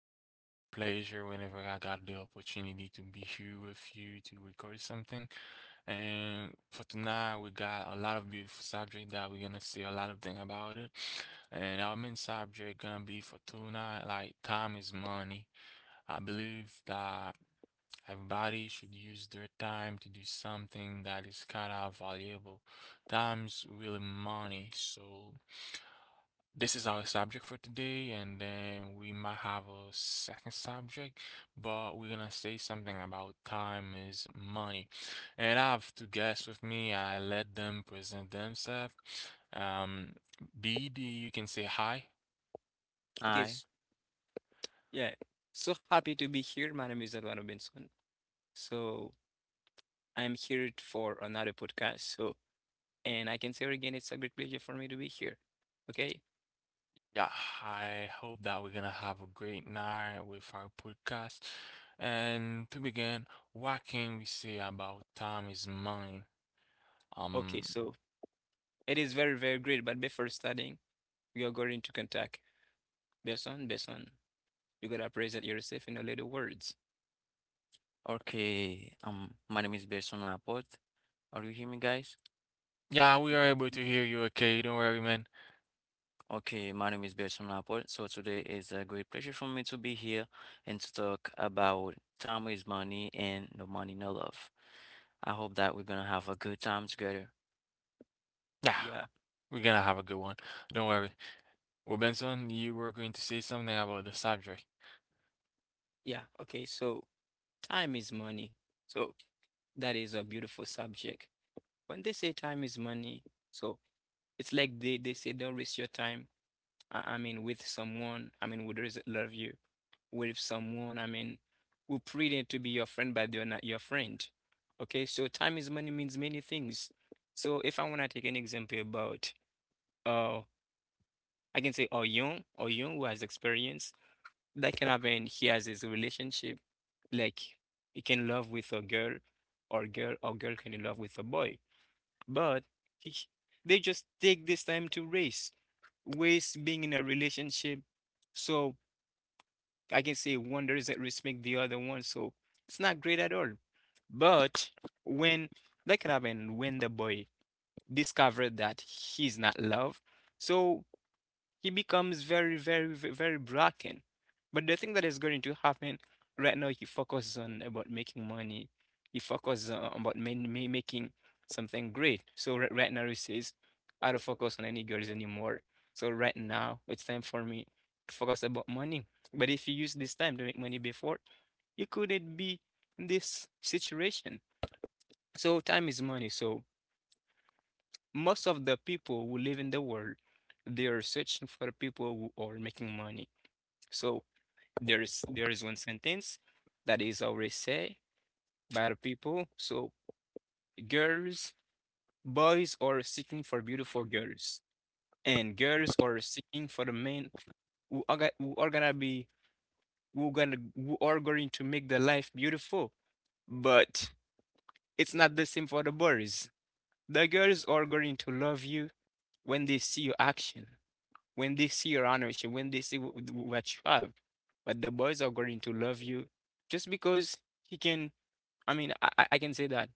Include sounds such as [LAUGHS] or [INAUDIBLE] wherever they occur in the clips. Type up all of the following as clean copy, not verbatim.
really a great pleasure whenever I got the opportunity to be here with you to record something. And for tonight, we got a lot of beautiful subject that we're gonna see a lot of thing about it. And our main subject gonna be for tonight, like time is money. I believe that everybody should use their time to do something that is kind of valuable. Time's really money, so this is our subject for today, and then we might have a second subject, but we're gonna say something about time is money. And I have two guests with me. I let them present themselves. Um, BD, you can say hi. Okay, Hi. Yeah. So happy to be here. My name is Eduardo Benson. So I'm here for another podcast. So, and I can say it again, it's a great pleasure for me to be here. Okay. Yeah, I hope that we're gonna have a great night with our podcast. And to begin, what can we say about time is money? Okay. Um, So it is very, very great. But before starting, we are going to contact Benson. Benson, you gotta present yourself in a little words. Okay. My name is Berson Laporte. Are you hearing me, guys? yeah, we are Yeah. able to Mm. hear you okay. Don't worry, man. Okay, my name is Berson Laporte. So today is a great pleasure for me to be here and to talk about time is money and no money, no love. I hope that we're gonna have a good time together. Ah, Yeah. we're gonna have a good one. Don't worry. Well, Benson, you were going to say something about the subject. Yeah. Okay. So time is money. So that is a beautiful subject. When they say time is money, so it's like they say don't waste your time. I mean, with someone, I mean, who doesn't love you, with someone, I mean, who pretend to be your friend, but they're not your friend. Okay, so time is money means many things. So if I want to take an example about, uh, I can say, oh, young, or young who has experience, that can happen. He has his relationship, like he can love with a girl, or girl, or girl can in love with a boy, but he, they just take this time to race, race being in a relationship. So I can say one doesn't respect the other one, so it's not great at all. But when that can happen when the boy discovered that he's not loved, so he becomes very, very, very broken. But the thing that is going to happen right now, he focuses on about making money. He focuses on about making something great. So right now, he says, I don't focus on any girls anymore. So right now, it's time for me to focus about money. But if you use this time to make money before, you couldn't be in this situation. So time is money. So most of the people who live in the world, they are searching for people who are making money. So there is one sentence that is always said by the people. So girls, boys are seeking for beautiful girls, and girls are seeking for the men who are, go- who are gonna be who gonna who are going to make the life beautiful. But it's not the same for the boys. The girls are going to love you when they see your action, when they see your ownership, when they see what you have. But the boys are going to love you just because he can. I mean, I can say that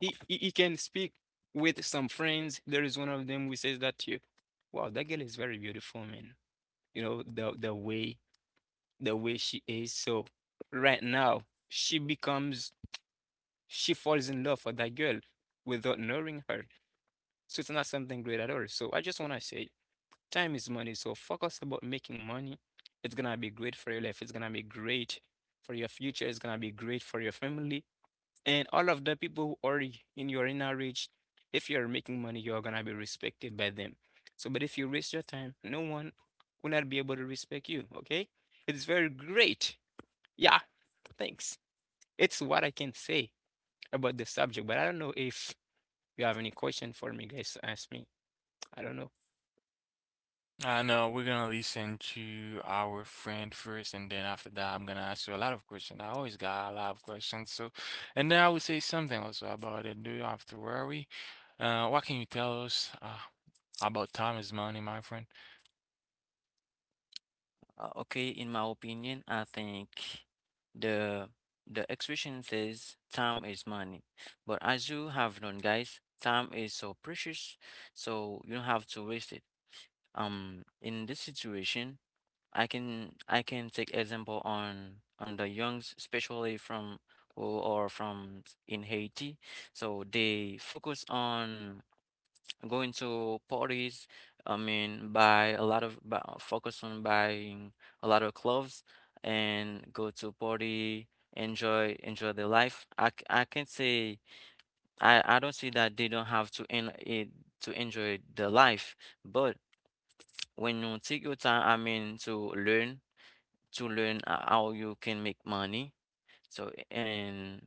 he can speak with some friends. There is one of them who says that to you, "Wow, that girl is very beautiful, man. You know the way she is." So right now she falls in love for that girl without knowing her. So it's not something great at all. So I just want to say time is money, so focus about making money. It's gonna be great for your life. It's gonna be great for your future. It's gonna be great for your family and all of the people who are in your inner reach. If you're making money, you're gonna be respected by them. So, but if you waste your time, no one will not be able to respect you. Okay, it's very great. Yeah, thanks. It's what I can say about the subject, but I don't know if you have any question for me, guys. Ask me. I don't know. I know we're gonna listen to our friend first, and then after that, I'm gonna ask you a lot of questions. I always got a lot of questions, so and then I will say something also about it. Do you have to worry? What can you tell us about time is money, my friend? Okay, in my opinion, I think the the expression says time is money, but as you have known, guys, time is so precious, so you don't have to waste it. In this situation. I can take example on the youngs, especially from who are from s- in Haiti. So they focus on going to parties. I mean, buy a lot of buy, focus on buying a lot of clothes and go to party, enjoy their life. I can't say I don't see that they don't have to en it to enjoy the life, but when you take your time, I mean, to learn how you can make money. So, and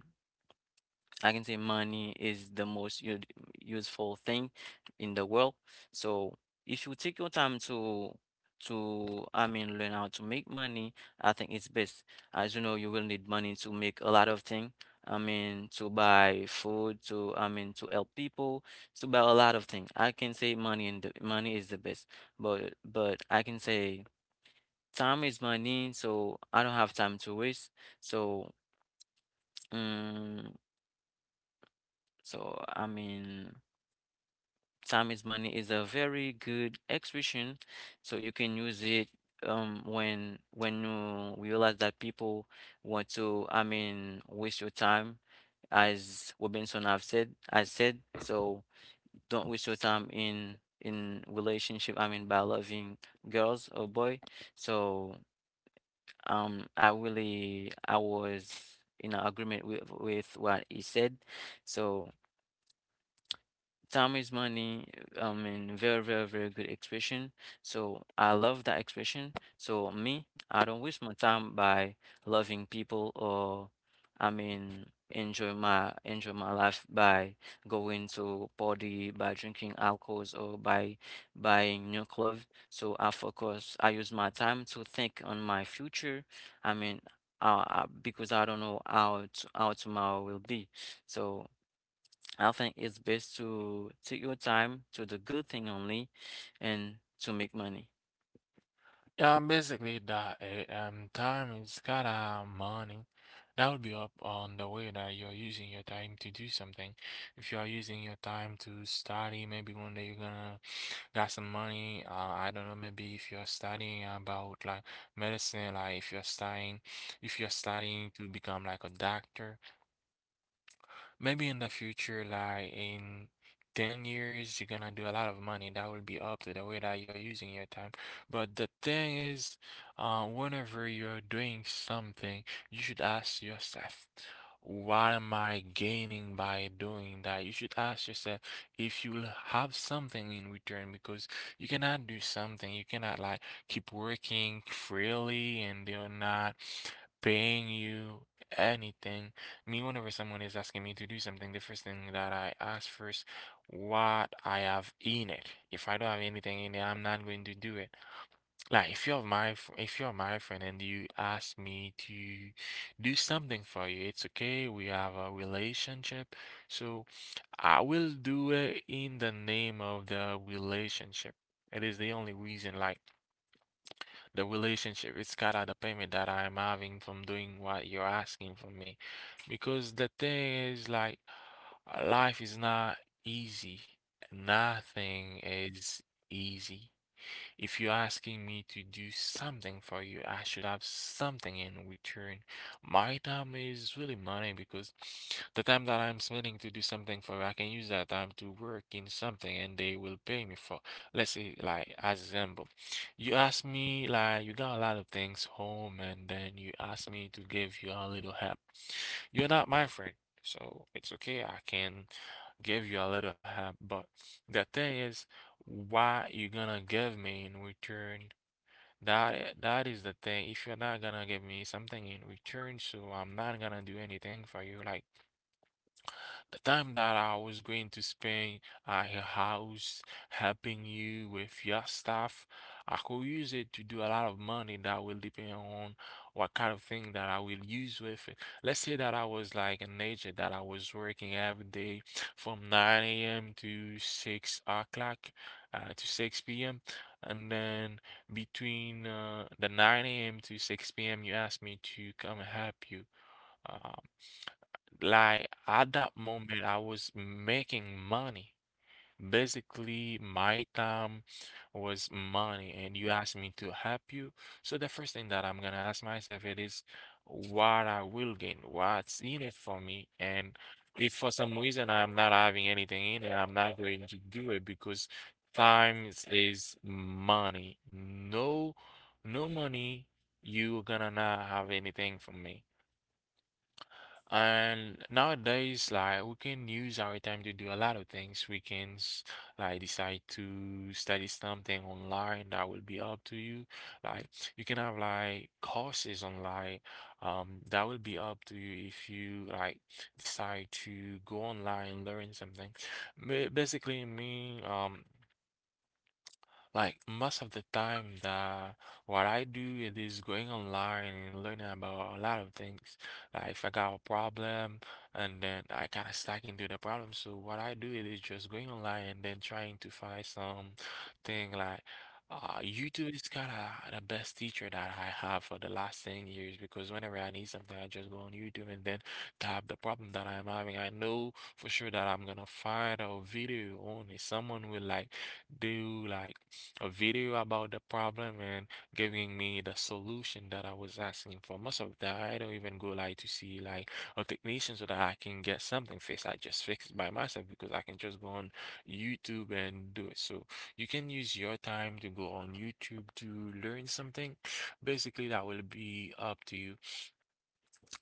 I can say money is the most useful thing in the world. So, if you take your time to I mean learn how to make money, I think it's best. As you know, you will need money to make a lot of things. I mean, to buy food, to I mean, to help people, to buy a lot of things. I can say money is the best, but I can say time is money, so I don't have time to waste. So, um, so, I mean, time is money is a very good expression. So you can use it when you realize that people want to, I mean, waste your time, as Robinson have said, I said. So don't waste your time in relationship. I mean, by loving girls or boy. So. I really I was in agreement with what he said so. Time is money. I mean, very, very, very good expression. So I love that expression. So me, I don't waste my time by loving people or, I mean, enjoy my life by going to party, by drinking alcohols, or by buying new clothes. So I focus. I use my time to think on my future. I mean, because I don't know how t how tomorrow will be. So. I think it's best to take your time to the good thing only and to make money. Yeah, basically that time is kinda money. That would be up on the way that you're using your time to do something. If you are using your time to study, maybe one day you're gonna got some money. I don't know, maybe if you're studying about like medicine, like if you're studying to become like a doctor, maybe in the future, like in 10 years, you're gonna do a lot of money. That will be up to the way that you're using your time. But the thing is, whenever you're doing something, you should ask yourself, what am I gaining by doing that? You should ask yourself if you'll have something in return because you cannot do something. You cannot like keep working freely and they're not paying you anything. Me, whenever someone is asking me to do something, the first thing that I ask first, what I have in it. If I don't have anything in it, I'm not going to do it. Like if you're my friend and you ask me to do something for you, it's okay. We have a relationship, so I will do it in the name of the relationship. It is the only reason. Like the relationship. It's kind of the payment that I'm having from doing what you're asking from me. Because the thing is, like, life is not easy. Nothing is easy. If you're asking me to do something for you, I should have something in return. My time is really money because the time that I'm spending to do something for you, I can use that time to work in something and they will pay me for. Let's say, like, as example, you ask me, like, you got a lot of things home and then you ask me to give you a little help. You're not my friend, so it's okay. I can give you a little help, but the thing is, what you gonna give me in return? That is the thing. If you're not gonna give me something in return, so I'm not gonna do anything for you. Like the time that I was going to spend at your house helping you with your stuff, I could use it to do a lot of money that will depend on what kind of thing that I will use with it. Let's say that I was like an agent that I was working every day from 9 a.m. to 6 o'clock to 6 p.m. And then between the 9 a.m. to 6 p.m., you asked me to come help you. Uh, like at that moment, I was making money. Basically, my time was money, and you asked me to help you. So the first thing that I'm gonna ask myself it is what I will gain, what's in it for me, and if for some reason I'm not having anything in it, I'm not going to do it because time is money. No, no money, you're gonna not have anything from me. And nowadays, like we can use our time to do a lot of things. Like decide to study something online that will be up to you. Like you can have like courses online, that will be up to you if you like decide to go online learn something. Basically, me. Like most of the time the what I do it is going online and learning about a lot of things. Like if I got a problem and then I kind of stuck into the problem. So what I do it is just going online and then trying to find some thing like YouTube is kind of the best teacher that I have for the last 10 years because whenever I need something, I just go on YouTube and then type the problem that I'm having. I know for sure that I'm gonna find a video on it. Someone will like do like a video about the problem and giving me the solution that I was asking for. Most of the time, I don't even go like to see like a technician so that I can get something fixed. I just fix it by myself because I can just go on YouTube and do it. So you can use your time to go on YouTube to learn something. Basically, that will be up to you.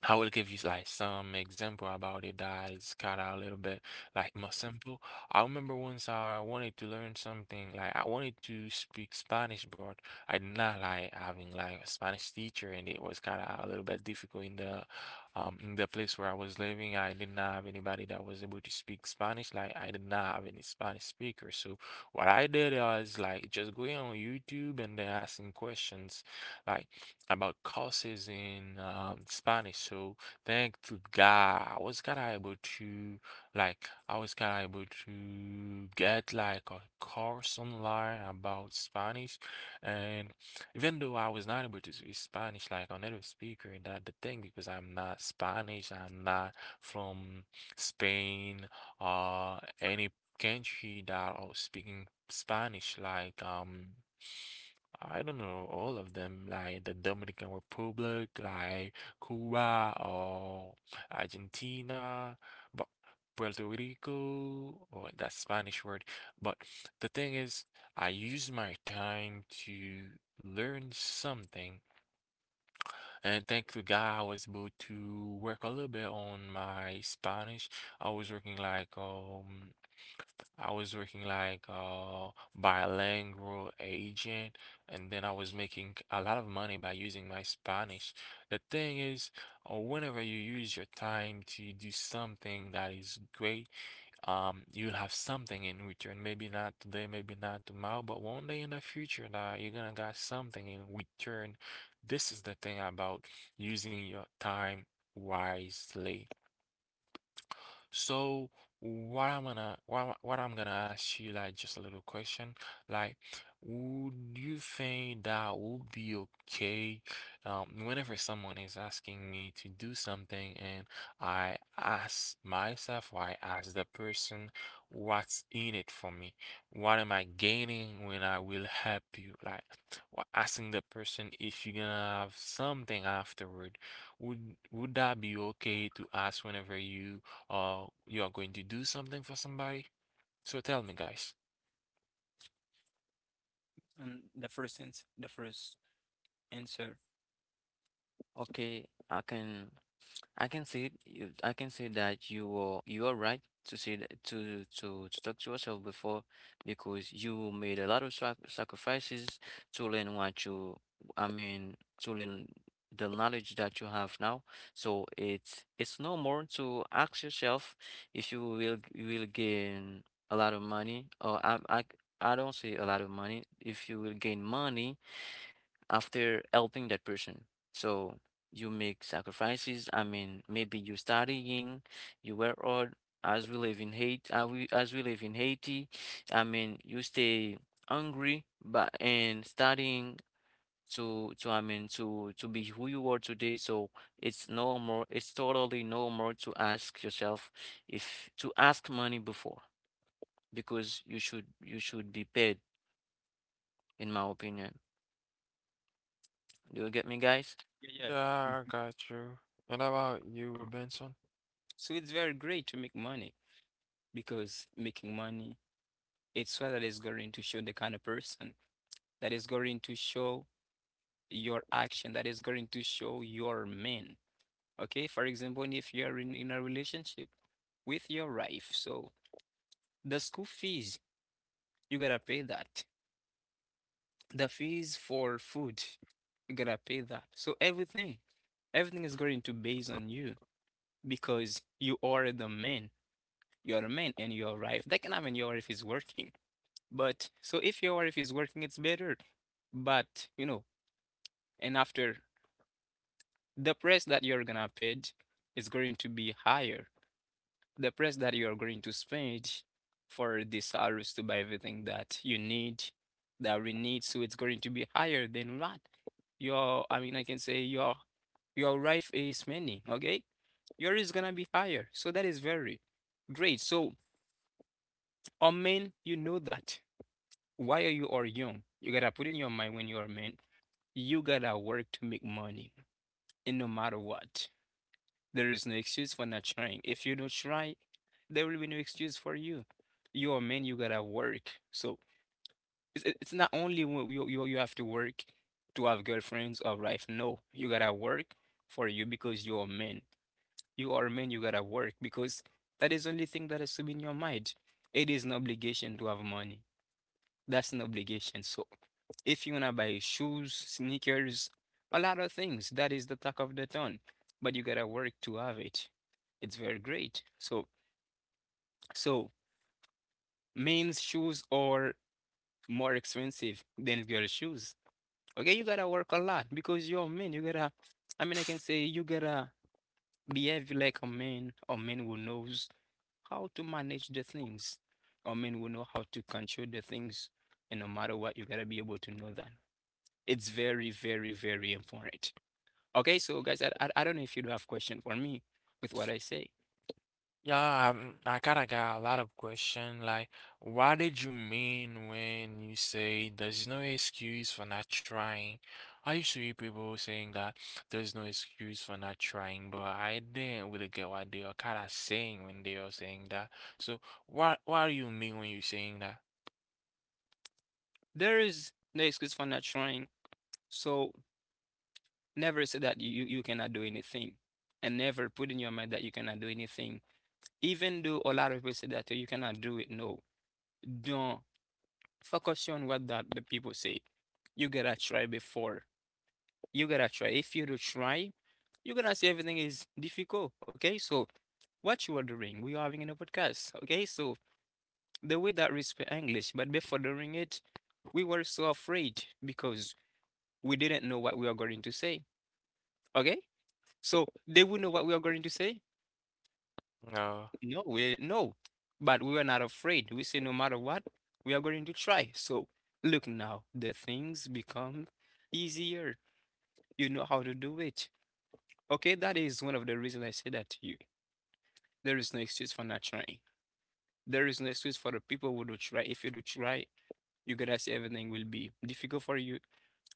I will give you like some example about it that is kind of a little bit like more simple. I remember once I wanted to learn something like I wanted to speak Spanish, but I did not like having like a Spanish teacher, and it was kind of a little bit difficult in the place where I was living. I did not have anybody that was able to speak Spanish. Like I did not have any Spanish speaker. So what I did was like just going on YouTube and then asking questions, like about courses in Spanish. So thank to God, I was kind of able to get like a course online about Spanish, and even though I was not able to speak Spanish like a native speaker, that the thing because I'm not Spanish, I'm not from Spain or any country that are speaking Spanish like. I don't know all of them, like the Dominican Republic, like Cuba or Argentina, but Puerto Rico or that Spanish word. But the thing is, I use my time to learn something and thank to God, I was able to work a little bit on my Spanish. I was working like I was working like uh bilingual agent, and then I was making a lot of money by using my Spanish. The thing is, whenever you use your time to do something that is great like, you'll have something in return. Maybe not today, maybe not tomorrow, but one day in the future that you're gonna got something in return. This is the thing about using your time wisely. So what I'm gonna ask you like just a little question like would you think that would be okay whenever someone is asking me to do something and I ask myself or I ask the person what's in it for me? What am I gaining when I will help you? Like asking the person if you're gonna have something afterward. Would that be okay to ask whenever you or you are going to do something for somebody. So tell me, guys. And the first answer. Okay, I can see you, I can see that you are right to see that, to talk to yourself before because you made a lot of sacrifices to learn what you I mean to learn the knowledge that you have now. So it's no more to ask yourself if you will gain a lot of money or I don't say a lot of money if you will gain money after helping that person. So you make sacrifices. I mean, maybe you studying, you work hard. As we live in Haiti, I mean, you stay hungry, but and studying to I mean to be who you are today. So it's normal. It's totally normal to ask yourself if to ask money before because you should be paid, in my opinion. Do you get me, guys? Yeah, yeah. Mhm. Yeah, I got you. And about you, Robinson? So it's very great to make money, because making money, it's what that is going to show the kind of person, that is going to show your action, that is going to show your man. Okay, for example, if you are in a relationship with your wife, so the school fees, you gotta pay that. The fees for food, you gotta pay that. So everything, everything is going to base on you because you are the man. You're the man and your wife. That can happen your wife is working. But so if your wife is working, it's better. But you know, and after the price that you're gonna pay is going to be higher. The price that you're going to spend for the salaries to buy everything that you need, that we need, so it's going to be higher than what your, I mean, I can say your wife is spending. Okay, yours is gonna be higher. So that is very great. So, or men, you know that. Why are you or young? You gotta put in your mind when you are men, you gotta work to make money, and no matter what, there is no excuse for not trying. If you don't try, there will be no excuse for you. You're a man, you gotta work. So it's not only when you have to work to have girlfriends or wife. No, you gotta work for you because you're a man. You are a man, you gotta work because that is the only thing that has to be in your mind. It is an obligation to have money. That's an obligation. So if you wanna buy shoes, sneakers, a lot of things, that is the talk of the town. But you gotta work to have it. It's very great. So so men's shoes are more expensive than girls' shoes. Okay, you gotta work a lot because you're a man. You gotta, I mean, I can say you gotta behave like a man who knows how to manage the things. A man who know how to control the things. And no matter what, you gotta be able to know that. It's very, very, very important. Okay, so guys, I don't know if you do have question for me with what I say. Yeah, I kinda got a lot of question. Like, what did you mean when you say there's no excuse for not trying? I used to hear people saying that there's no excuse for not trying, but I didn't really get what they are kinda saying when they are saying that. So, what do you mean when you're saying that? There is no excuse for not trying. So never say that you cannot do anything, and never put in your mind that you cannot do anything. Even though a lot of people say that, "Oh, you cannot do it, no, don't focus on what that the people say. You gotta try before. You gotta try. If you don't try, you're gonna see everything is difficult." Okay, so what you are doing, we are having in a podcast. Okay, so the way that we speak English, but before doing it, we were so afraid because we didn't know what we are going to say. Okay? So they would know what we are going to say? No. No, we didn't know. But we were not afraid. We say no matter what, we are going to try. So look now, the things become easier. You know how to do it. Okay, that is one of the reasons I say that to you. There is no excuse for not trying. There is no excuse for the people who do try. If you do try, you're gonna see everything will be difficult for you,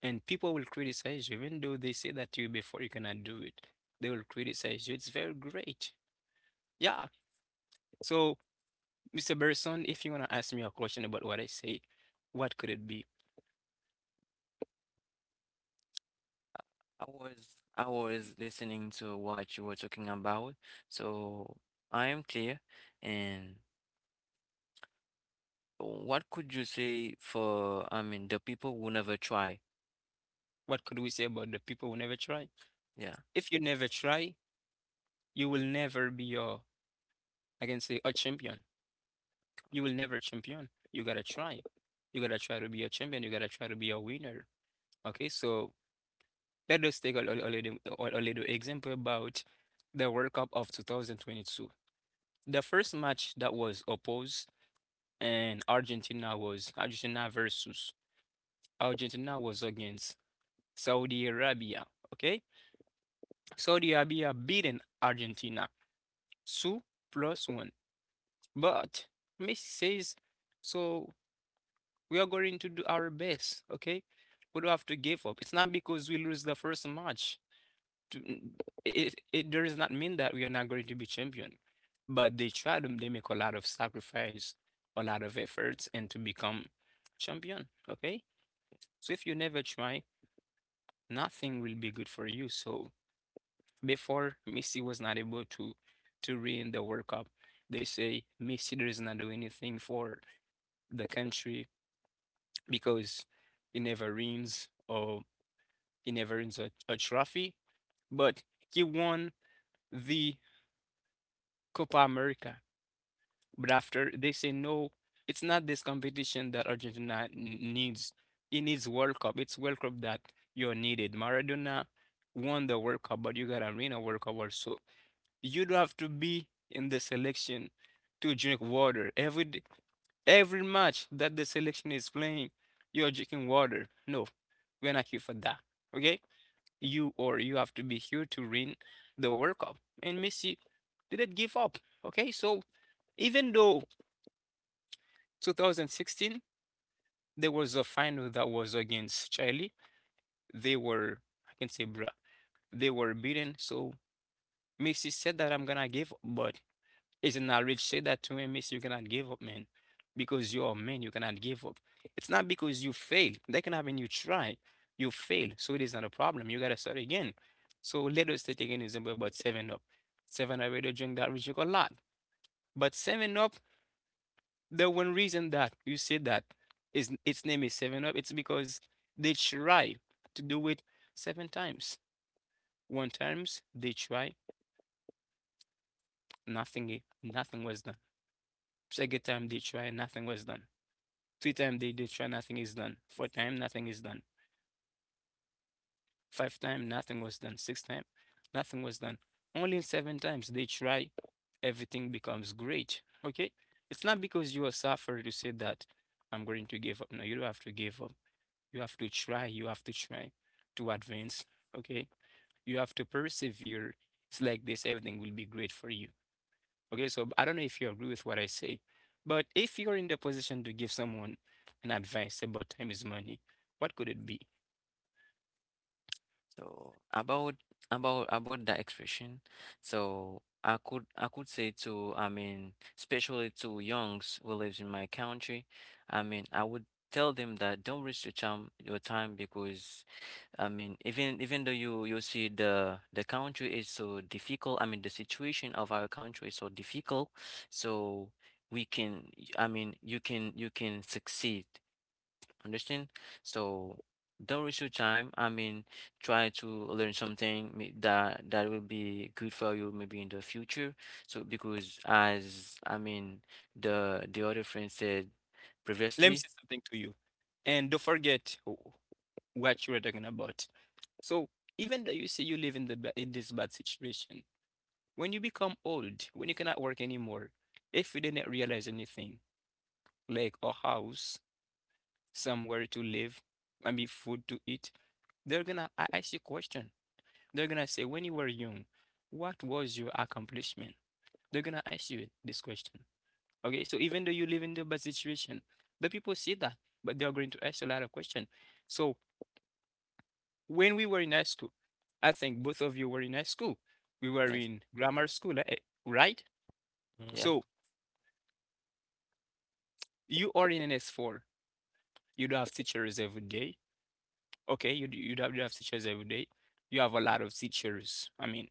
and people will criticize you, even though they say that to you before you cannot do it. They will criticize you. It's very great. Yeah. So, Mr. Berson, if you wanna ask me a question about what I say, what could it be? I was I was listening to what you were talking about, so I am clear. And what could you say for, I mean, the people who never try? What could we say about the people who never try? Yeah. If you never try, you will never be a, I can say, a champion. You will never champion. You gotta try. You gotta try to be a champion. You gotta try to be a winner. Okay, so let us take a little example about the World Cup of 2022. The first match that was opposed and Argentina was Argentina versus Argentina was against Saudi Arabia. Okay, Saudi Arabia beaten Argentina two plus one. But Messi says, so we are going to do our best. Okay, we don't have to give up. It's not because we lose the first match. to- mm, it does not mean that we are not going to be champion, but they try to they make a lot of sacrifice, a lot of efforts, and to become champion. Okay, so if you never try, nothing will be good for you. So before Messi was not able to win the World Cup, they say Messi does not do anything for the country because he never wins or he never wins a trophy, but he won the Copa America. But after they say no, it's not this competition that Argentina needs. It needs World Cup. It's World Cup that you're needed. Maradona won the World Cup, but you gotta win a World Cup also. You do not have to be in the selection to drink water every match that the selection is playing. You're drinking water. No, we're not here for that. Okay, you or you have to be here to win the World Cup. And Messi didn't give up. Okay, so even though 2016, there was a final that was against Chile. They were, I can say, bruh, they were beaten. So Messi said that I'm gonna give up, but isn't that rich say that to him, Messi, you cannot give up, man. Because you're a man, you cannot give up. It's not because you fail. That can happen, you try, you fail. So it is not a problem. You gotta start again. So let us take again example about 7 Up. 7 Up, they drink that rich a lot. But 7 Up, the one reason that you say that is its name is Seven Up, it's because they try to do it seven times. One times they try, nothing nothing was done. Second time they try, nothing was done. Three time they did try, nothing is done. Four time, nothing is done. Five time, nothing was done. Six time, nothing was done. Only seven times they try, everything becomes great. Okay? It's not because you are suffering to say that I'm going to give up. No, you don't have to give up. You have to try. You have to try to advance. Okay. You have to persevere. It's like this, everything will be great for you. Okay. So I don't know if you agree with what I say, but if you're in the position to give someone an advice about time is money, what could it be? So about that expression, so I could say to, I mean, especially to youngs who lives in my country, I mean, I would tell them that don't waste your time because I mean, even though you see the country is so difficult, I mean the situation of our country is so difficult, so we can, I mean, you can succeed. Understand? So don't waste your time. I mean, try to learn something that will be good for you maybe in the future. So because as I mean the other friend said Let me previously, say something to you. And don't forget what you were talking about. So even though you say you live in this bad situation, when you become old, when you cannot work anymore, if you didn't realize anything, like a house, somewhere to live, I mean food to eat, they're gonna ask you question. They're gonna say, when you were young, what was your accomplishment? They're gonna ask you this question. Okay, so even though you live in the bad situation, the people see that, but they are going to ask you a lot of questions. So when we were in high school, I think both of you were in high school. We were yes, in grammar school, right? yeah. Mm. So you are in an S4. You don't have teachers every day. Okay, you don't have teachers every day. You have a lot of teachers. I mean,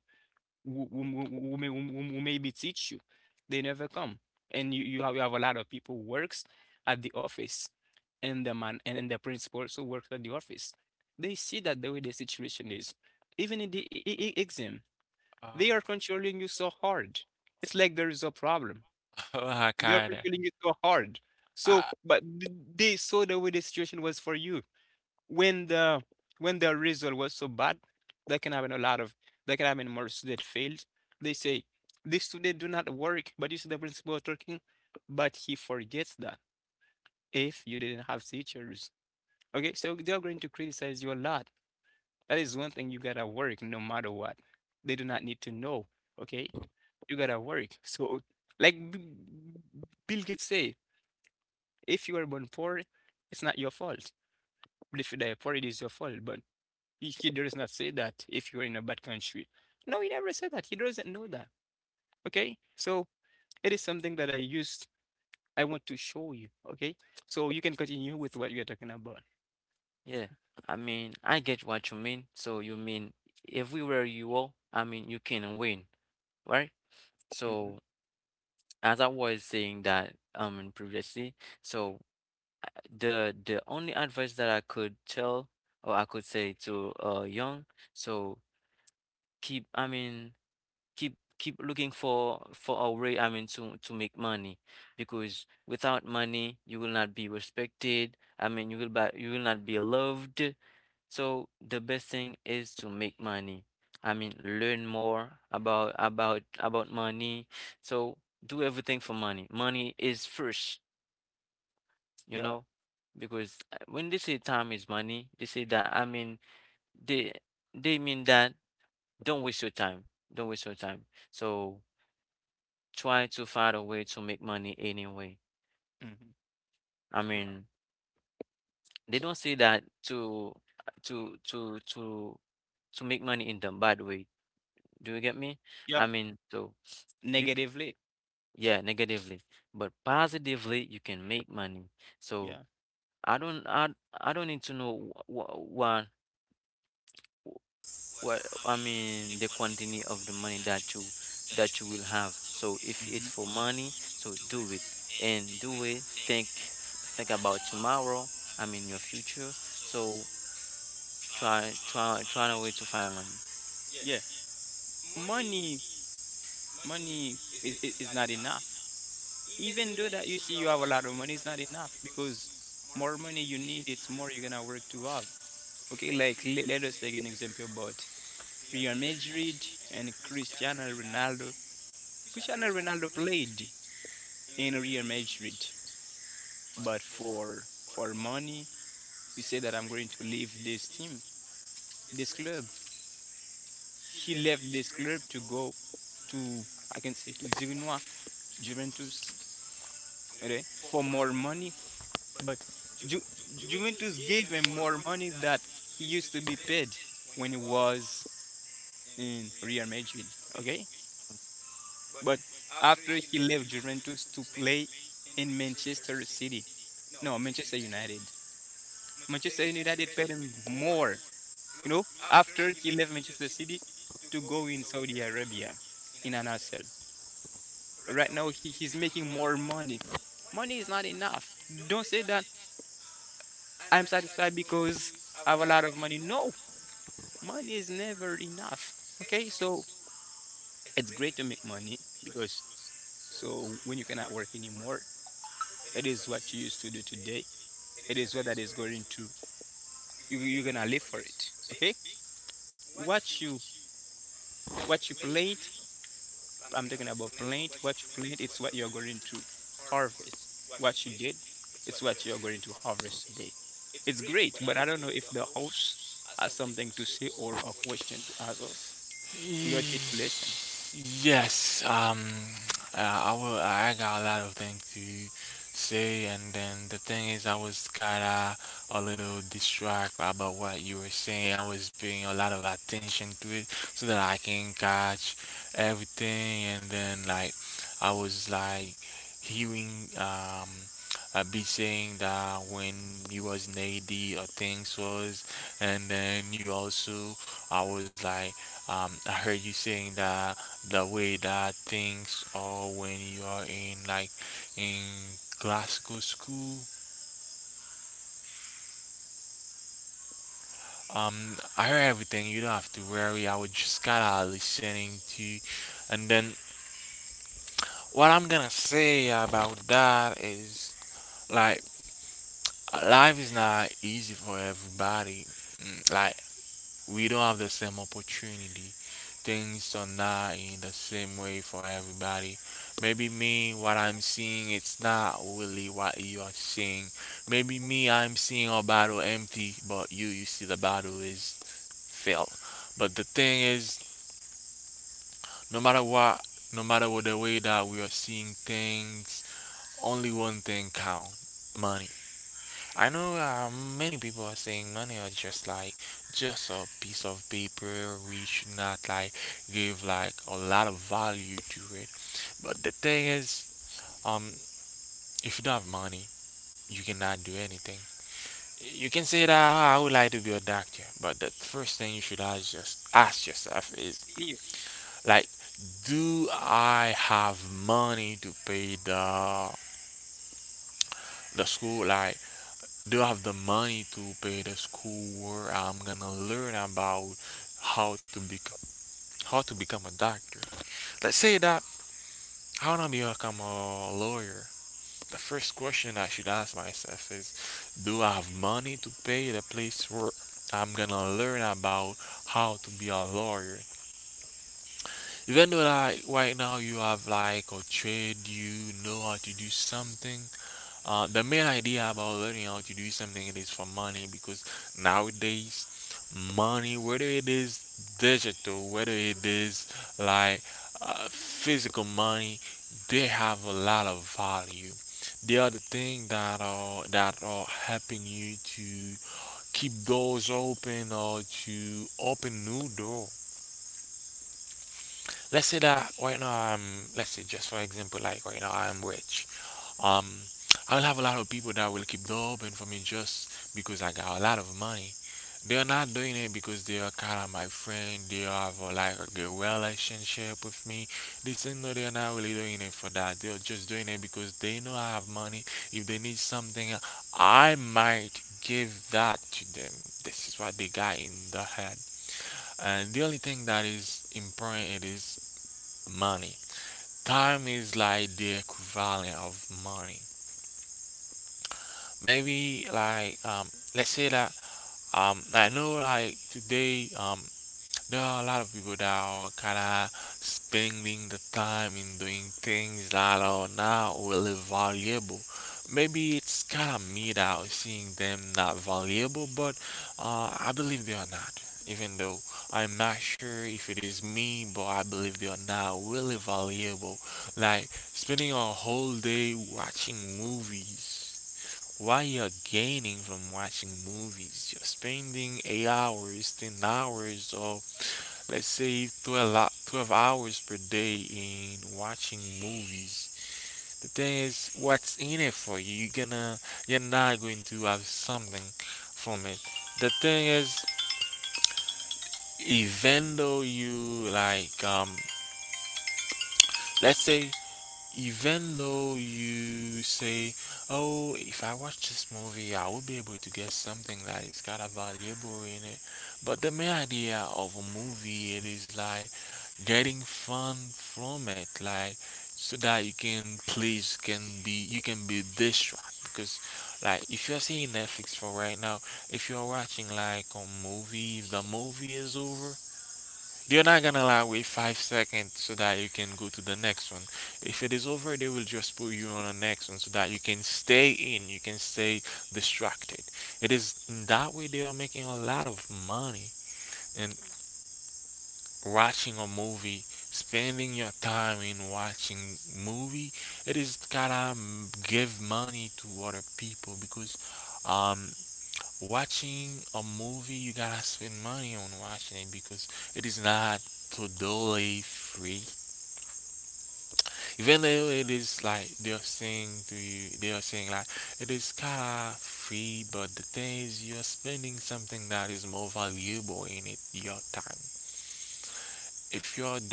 who, who, who, who maybe teach you, they never come, and you have a lot of people who works at the office, and the man and the principal also works at the office. They see that the way the situation is, even in the exam, they Uh, are controlling you so hard. It's like there is a problem. Ah, They're cara. feeling it so hard. So, Ah, but they saw the way the situation was for you. When the when the result was so bad, that can happen a lot of that can happen more student failed. They say this student do not work, but you see the principal talking, but he forgets that if you didn't have teachers. Okay, so they're going to criticize you a lot. That is one thing you gotta work no matter what. They do not need to know. Okay, you gotta work. So, like B- Bill Gates said, if you were born poor, it's not your fault. But if you die poor, it is your fault. But he does not say that if you're in a bad country. No, he never said that. He doesn't know that. Okay? So it is something that I used, I want to show you. Okay? So you can continue with what you're talking about. Yeah, I mean, I get what you mean. So you mean everywhere you are, I mean, you can win, right? Mm-hmm. So as I was saying that previously, so the only advice that I could tell or I could say to young, so keep, I mean. Keep keep looking for a way, I mean, to make money, because without money you will not be respected. I mean, you will you will not be loved, so the best thing is to make money. I mean, learn more about money. So do everything for money. Money is first, you Yeah. know. Because when they say time is money, they say that, I mean, they they mean that don't waste your time. don't waste your time so try to find a way to make money anyway. Mm-hmm. I Yeah. mean, they don't see that to to to to to make money in the bad way. Do you get me? I Yeah. mean, so you c- Negatively. yeah, negatively, but positively you can make money. So Yeah. I don't I I don't need to know what. Well, I mean the quantity of the money that you will have. So if it's Mm-hmm. for money, so do it and do it. Think think about tomorrow. I mean your future. So try a way to find money. Yeah. Money, money is not enough. Even though that you see you have a lot of money, it's not enough because more money you need, it's more you're gonna work to have. Okay, like let us take an example about Real Madrid and Cristiano Ronaldo. Cristiano Ronaldo played in Real Madrid, but for money, he said that I'm going to leave this team, this club. He left this club to go to, I can say, to Girona, Juventus, okay, for more money. But Ju Juventus gave him more money that he used to be paid when he was in Real Madrid, okay? But after he left Juventus to play in Manchester City, no, Manchester United. Manchester United paid him more, after he left Manchester City to go in Saudi Arabia in Al Nassr. Right now, he's making more money. Money is not enough. Don't say that I'm satisfied because I have a lot of money. No, money is never enough. Okay, so it's great to make money because so when you cannot work anymore, it is what you used to do today. It is what that is going to you're gonna live for it. Okay, what you what you plant, I'm talking about plant. What you plant, it's what you're going to harvest. What you did, it's what you're going to harvest today. It's great, but I don't know if the host has something to say or a question to ask us. We are here to listen. See you.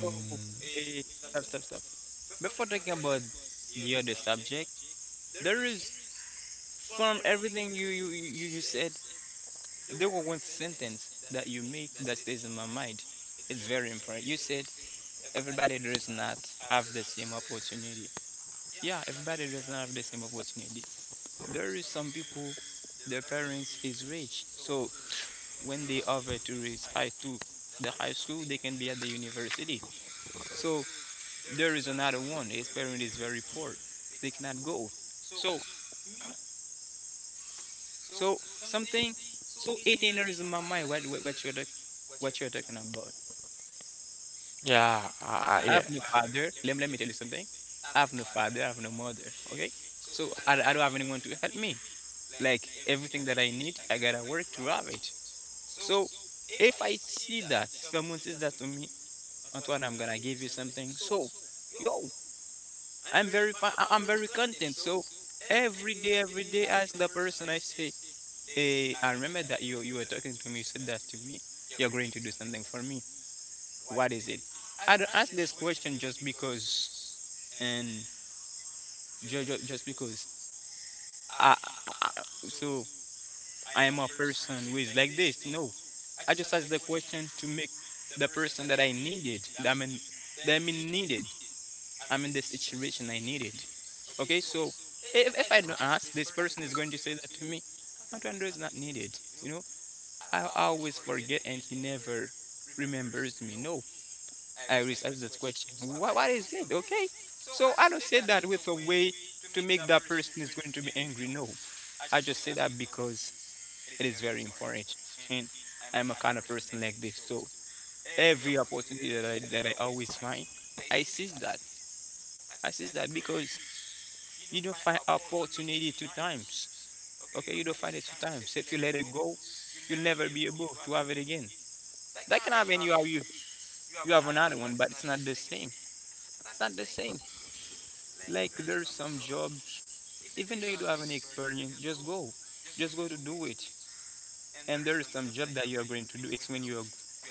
So, eh, stop, stop, stop. Before talking about the other subject, there is from everything you said, there was one sentence that you make that stays in my mind. It's very important. You said everybody does not have the same opportunity. Yeah, everybody does not have the same opportunity. There is some people, their parents is rich, so when they offer to raise high to the high school, they can be at the university. So there is another one. His parent is very poor. They cannot go. So, so something. So 18 in there is in my mind. What you're talking about? I have no father. Let me tell you something. I have no father. I have no mother. Okay. So I don't have anyone to help me. Like everything that I need, I gotta work to have it. So if I see that someone says that to me, Antoine, I'm gonna give you something. So, yo, I'm very I'm very content. So every day, as the person I say, hey, I remember that you were talking to me, you said that to me. You're going to do something for me. What is it? I don't ask this question just because and just because I, so I am a person who is like this. No, I just ask the question to make the person that I needed. I mean, that I mean needed. I'm in the situation I needed. Okay, so if I don't ask, this person is going to say that to me, Andrew is not needed. I always forget and he never remembers me. No, I research this question. What is it? Okay. So I don't say that with a way to make that person is going to be angry. No, I just say that because it is very important. And I'm a kind of person like this. So every opportunity that I always find, I seize that. I seize that because you don't find opportunity two times. Okay, you do find it two times. If you let it go, you'll never be able to have it again. That can happen. You have another one, but it's not the same. It's not the same. Like there's some jobs, even though you don't have any experience, just go to do it. And there is some job that you are going to do. It's when you are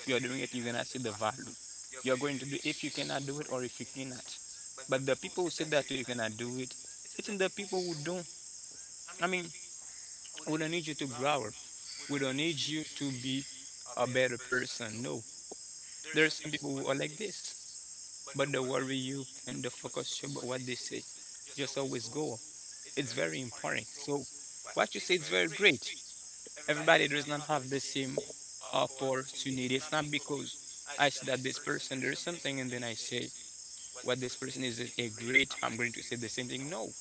you are doing it, you're gonna see the value. You are going to do if you cannot do it or if you cannot. But the people who say that you cannot do it, it's in the people who don't. I mean, who don't need you to grow up. We don't need you to be a better person. No, there are some people who are like this, but they worry you and they focus you about what they say. Just always go. It's very important. So what you say is very great. Everybody does not have the same opportunity. It's not because I see that this person there is something and then I say what this person is a great. I'm going to say the same thing. No,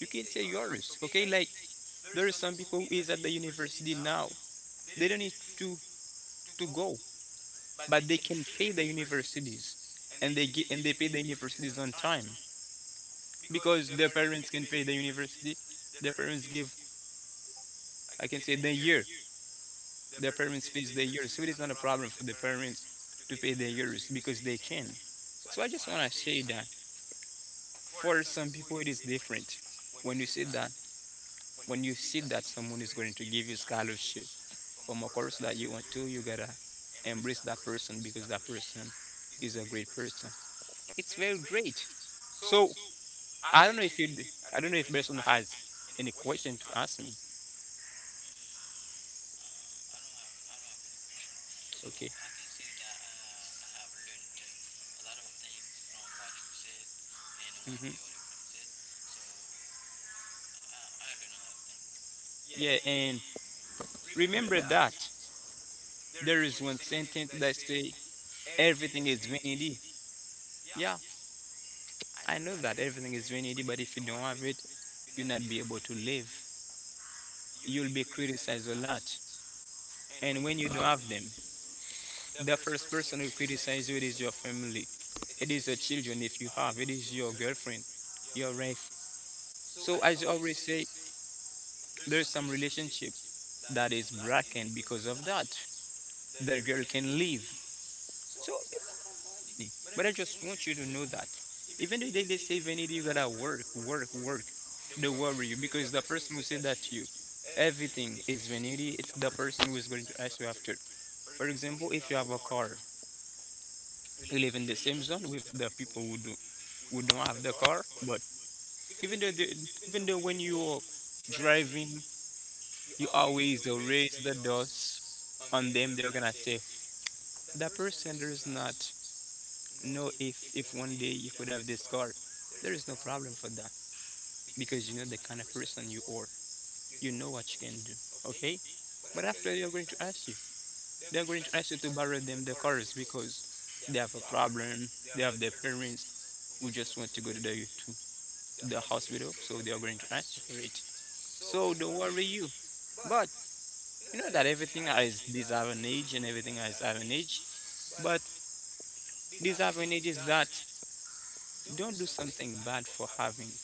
you can say yours. Okay, like there are some people who is at the university now. They don't need to go. But they can pay the universities and they get, and they pay the universities on time because their parents can pay the university. Their parents give, I can say, the year. Their parents pays the year, so it's not a problem for the parents to pay their years because they can. So I just want to say that for some people it is different. When you say that, when you see that someone is going to give you scholarship from a course that you want to, you gotta embrace that person because that person is a great person. It's very great. So I don't know if you, I don't know if Berson has any question to ask me. Okay. Hmm. Yeah, and remember that there is one sentence that say everything is vanity. Yeah, I know that everything is vanity, but if you don't have it, you'll not be able to live. You'll be criticized a lot. And when you don't have them, the first person who criticize you it is your family. It is your children if you have. It is your girlfriend, your wife. So as I always say, there's some relationship that is broken because of that. The girl can leave. So, but I just want you to know that even if they say Vanity, you gotta work, work, work, they worry you because the person who said that to you, everything is Vanity, it's the person who is going to ask you after. For example, if you have a car, you live in the same zone with the people who do who don't have the car, but even though they, even though when you're driving you always they raise the dust on them. They're gonna say that person there is not no if one day you could have this car, there is no problem for that because you know the kind of person you are. You know what you can do. Okay, but after they're going to ask you, they're going to ask you to borrow them the cars because they have a problem. They have their parents who just want to go to to the hospital, so they are going to ask you for it. So don't worry you. But you know that everything has this an age and everything has an age. But this an age is that don't do something bad for having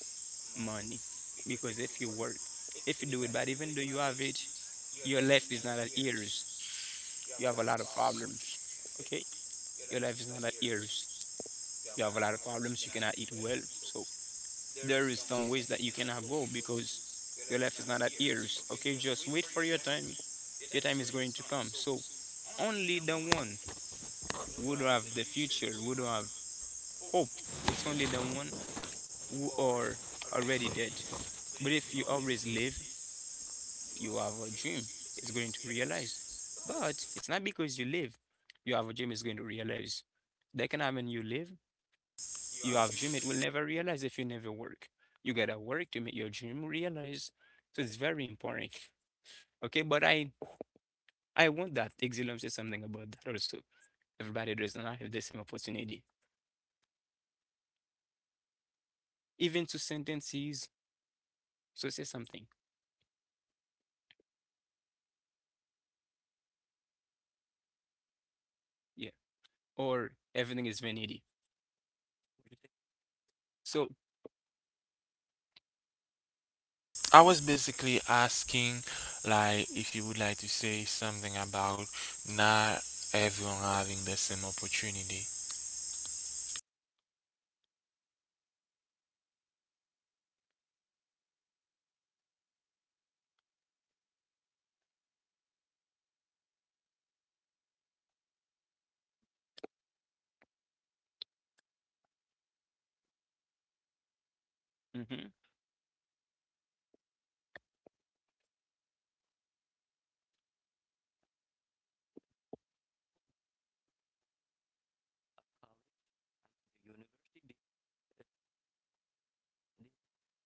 money. Because if you work, if you do it bad, even though you have it, your life is not at ears. You have a lot of problems. Okay? Your life is not at ears. You have a lot of problems. You cannot eat well. So there is some ways that you cannot go because your life is not at ears. Okay? Just wait for your time. Your time is going to come. So only the one who don't have the future, who don't have hope. It's only the one who are already dead. But if you always live, you have a dream. It's going to realize. But it's not because you live, you have a dream is going to realize. That can happen. You live, you have dream. It will never realize if you never work. You gotta work to make your dream realize. So it's very important. Okay, but I want that. Exilum says something about that also. Everybody does not have the same opportunity, even to sentences. So say something. Yeah. Or everything is vanity. So, mhm, University,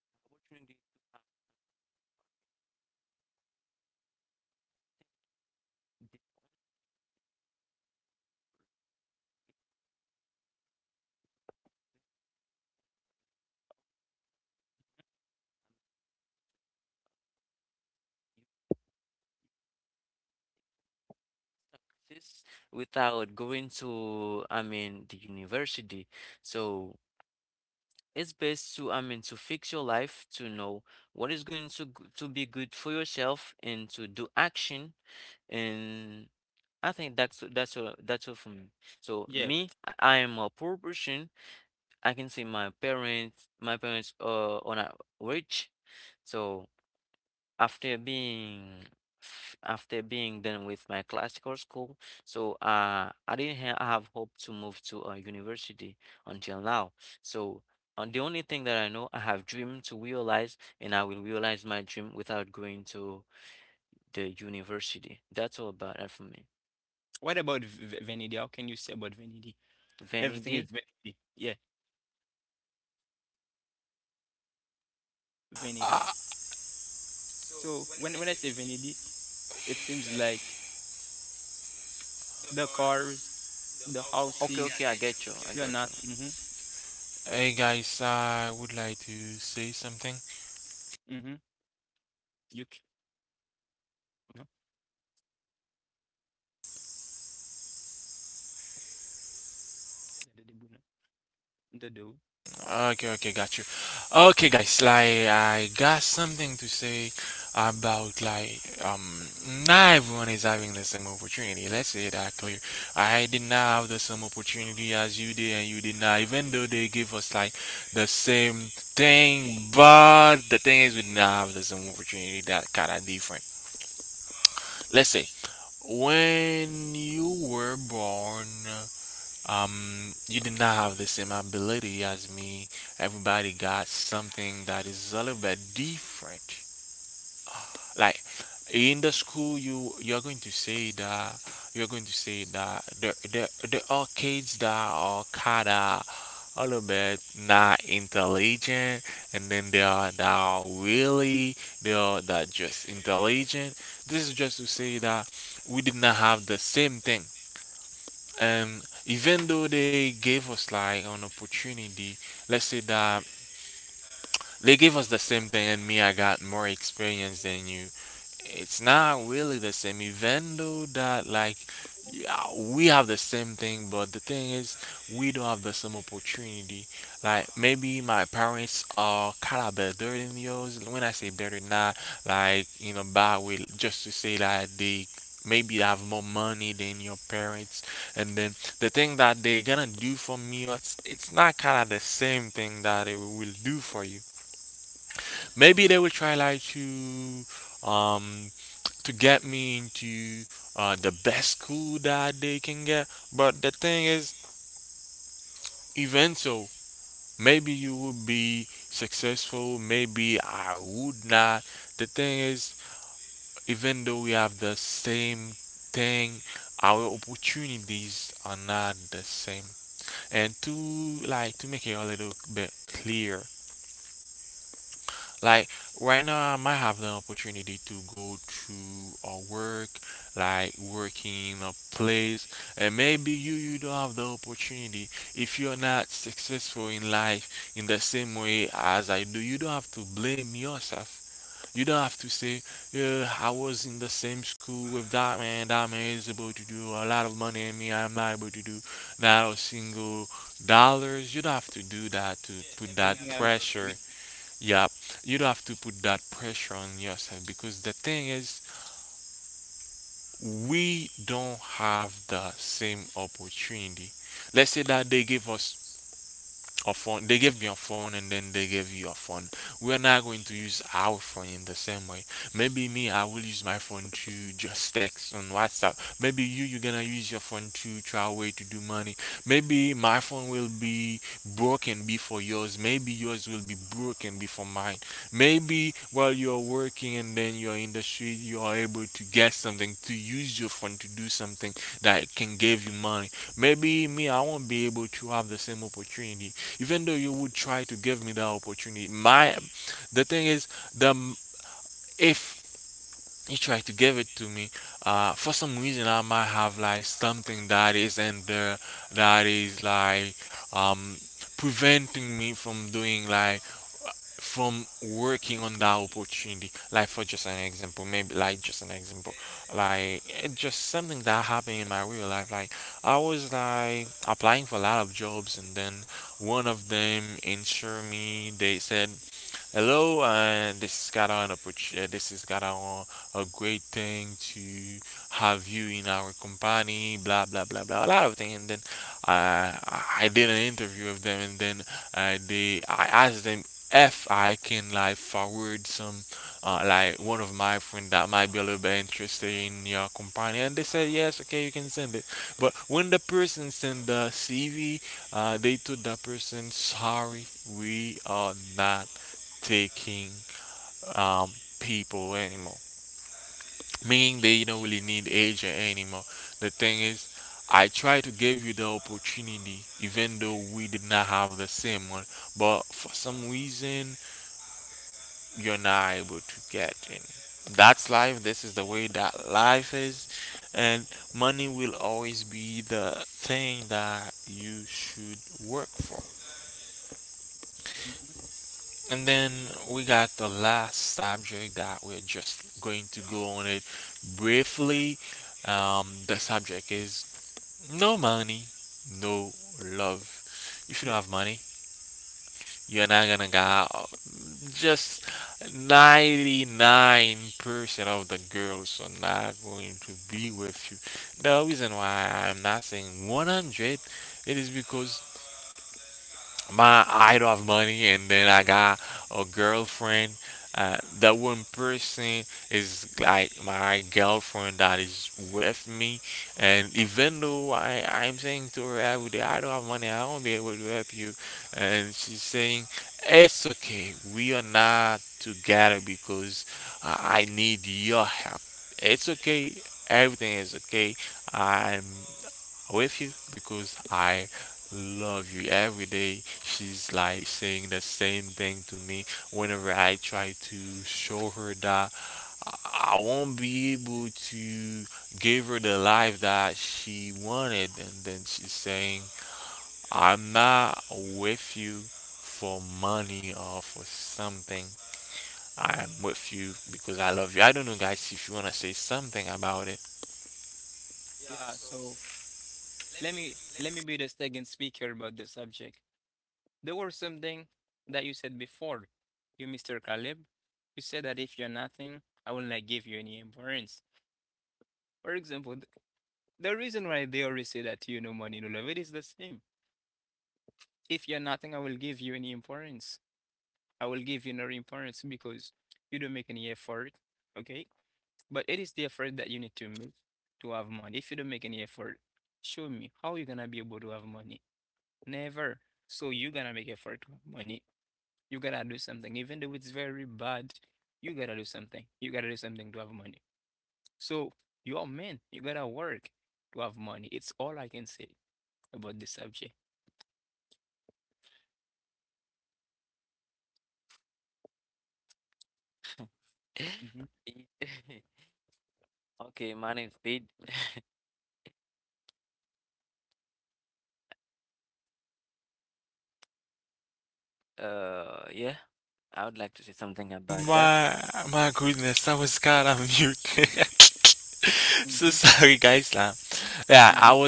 the opportunity to have the access without going to I mean the university. So it's best to, I mean, to fix your life, to know what is going to to be good for yourself and to do action. And I think that's all for me. So yeah. me, I am a poor person. I can say my parents are not rich. So after being after being done with my classical school, so I didn't have hope to move to a university until now. So and the only thing that I know, I have dream to realize, and I will realize my dream without going to the university. That's all about that for me. What about vanity? How can you say about vanity? Everything is Vanity. vanity. Yeah, vanity. So when I say vanity, it seems like the cars, the Okay, houses, I get you, you're not. Mm-hmm, mm-hmm. You c- no, the the- the- the do. Mm-hmm. Everything having a re- mhm. The- Yeah. So let me be the second speaker about the subject. There was something that you said before, you Mr. Caleb. You said that if you're nothing, I will not give you any importance. For example, the reason why they always say that you know money, no love, it is the same. If you're nothing, I will give you any importance. I will give you no importance because you don't make any effort, okay? But it is the effort that you need to make to have money. If you don't make any effort, show me how you're gonna be able to have money. Never. So you're gonna make effort to have money. You gotta do something, even though it's very bad. You gotta do something. You gotta do something to have money. So you're a man. You gotta work to have money. It's all I can say about this subject. Hmm. [LAUGHS] okay, my name is Bid. [LAUGHS] Yeah, I would like to say something about that, hmm hmm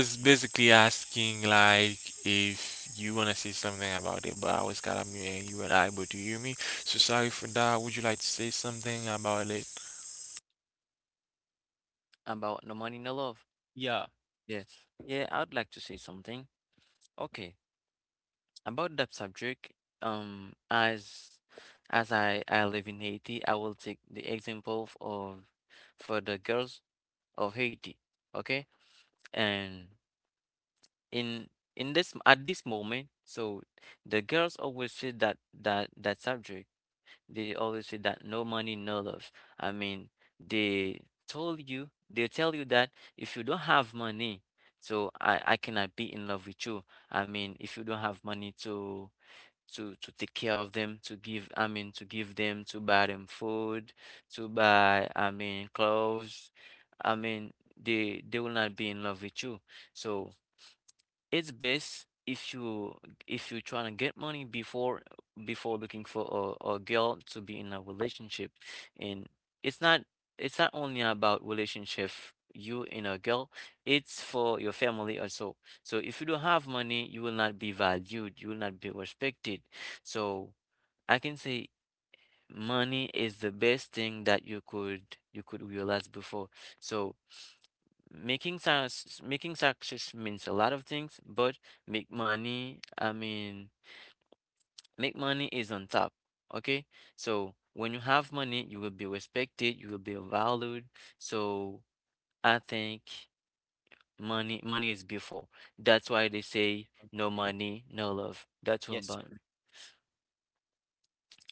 about no money, no love. Yeah. Yes. Yeah, I would like to say something. Okay. About that subject, as I live in Haiti, I will take the example of for the girls of Haiti. Okay? And in in this at this moment, so the girls always say that subject. They always say that no money, no love. I mean, they they tell you that if you don't have money, so I cannot be in love with you. I mean, if you don't have money to take care of them, to give, I mean, to give them, to buy them food, to buy, I mean, clothes. I mean, they will not be in love with you. So it's best if you if you're trying to get money before before looking for a girl to be in a relationship, and it's not it's not only about relationship you and a girl, it's for your family also. So if you don't have money, you will not be valued, you will not be respected. So I can say money is the best thing that you could realize before. So making success means a lot of things, but make money, I mean, make money is on top. Okay? So when you have money, you will be respected, you will be valued. So I think money is before. That's why they say no money, no love. That's all Yes. about me.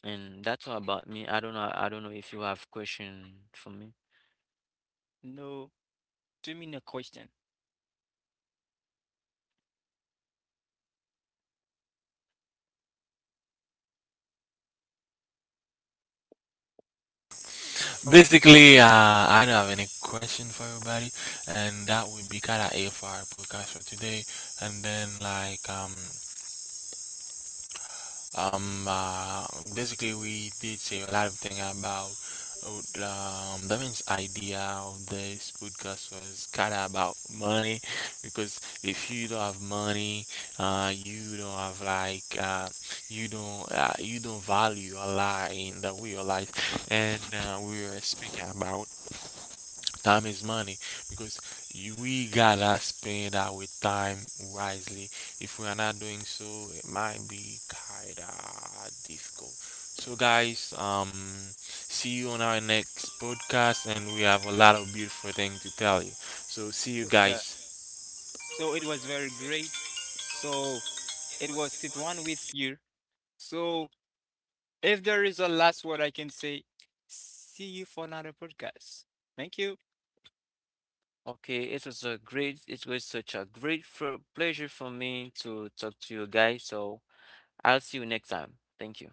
And that's all about me. I don't know if you have question for me. No. To me, no question. So yeah. So it was very great. So it was sit one with you. So if there is a last word I can say, see you for another podcast. Thank you. Okay, it was a great, it was such a great for pleasure for me to talk to you guys. So I'll see you next time. Thank you.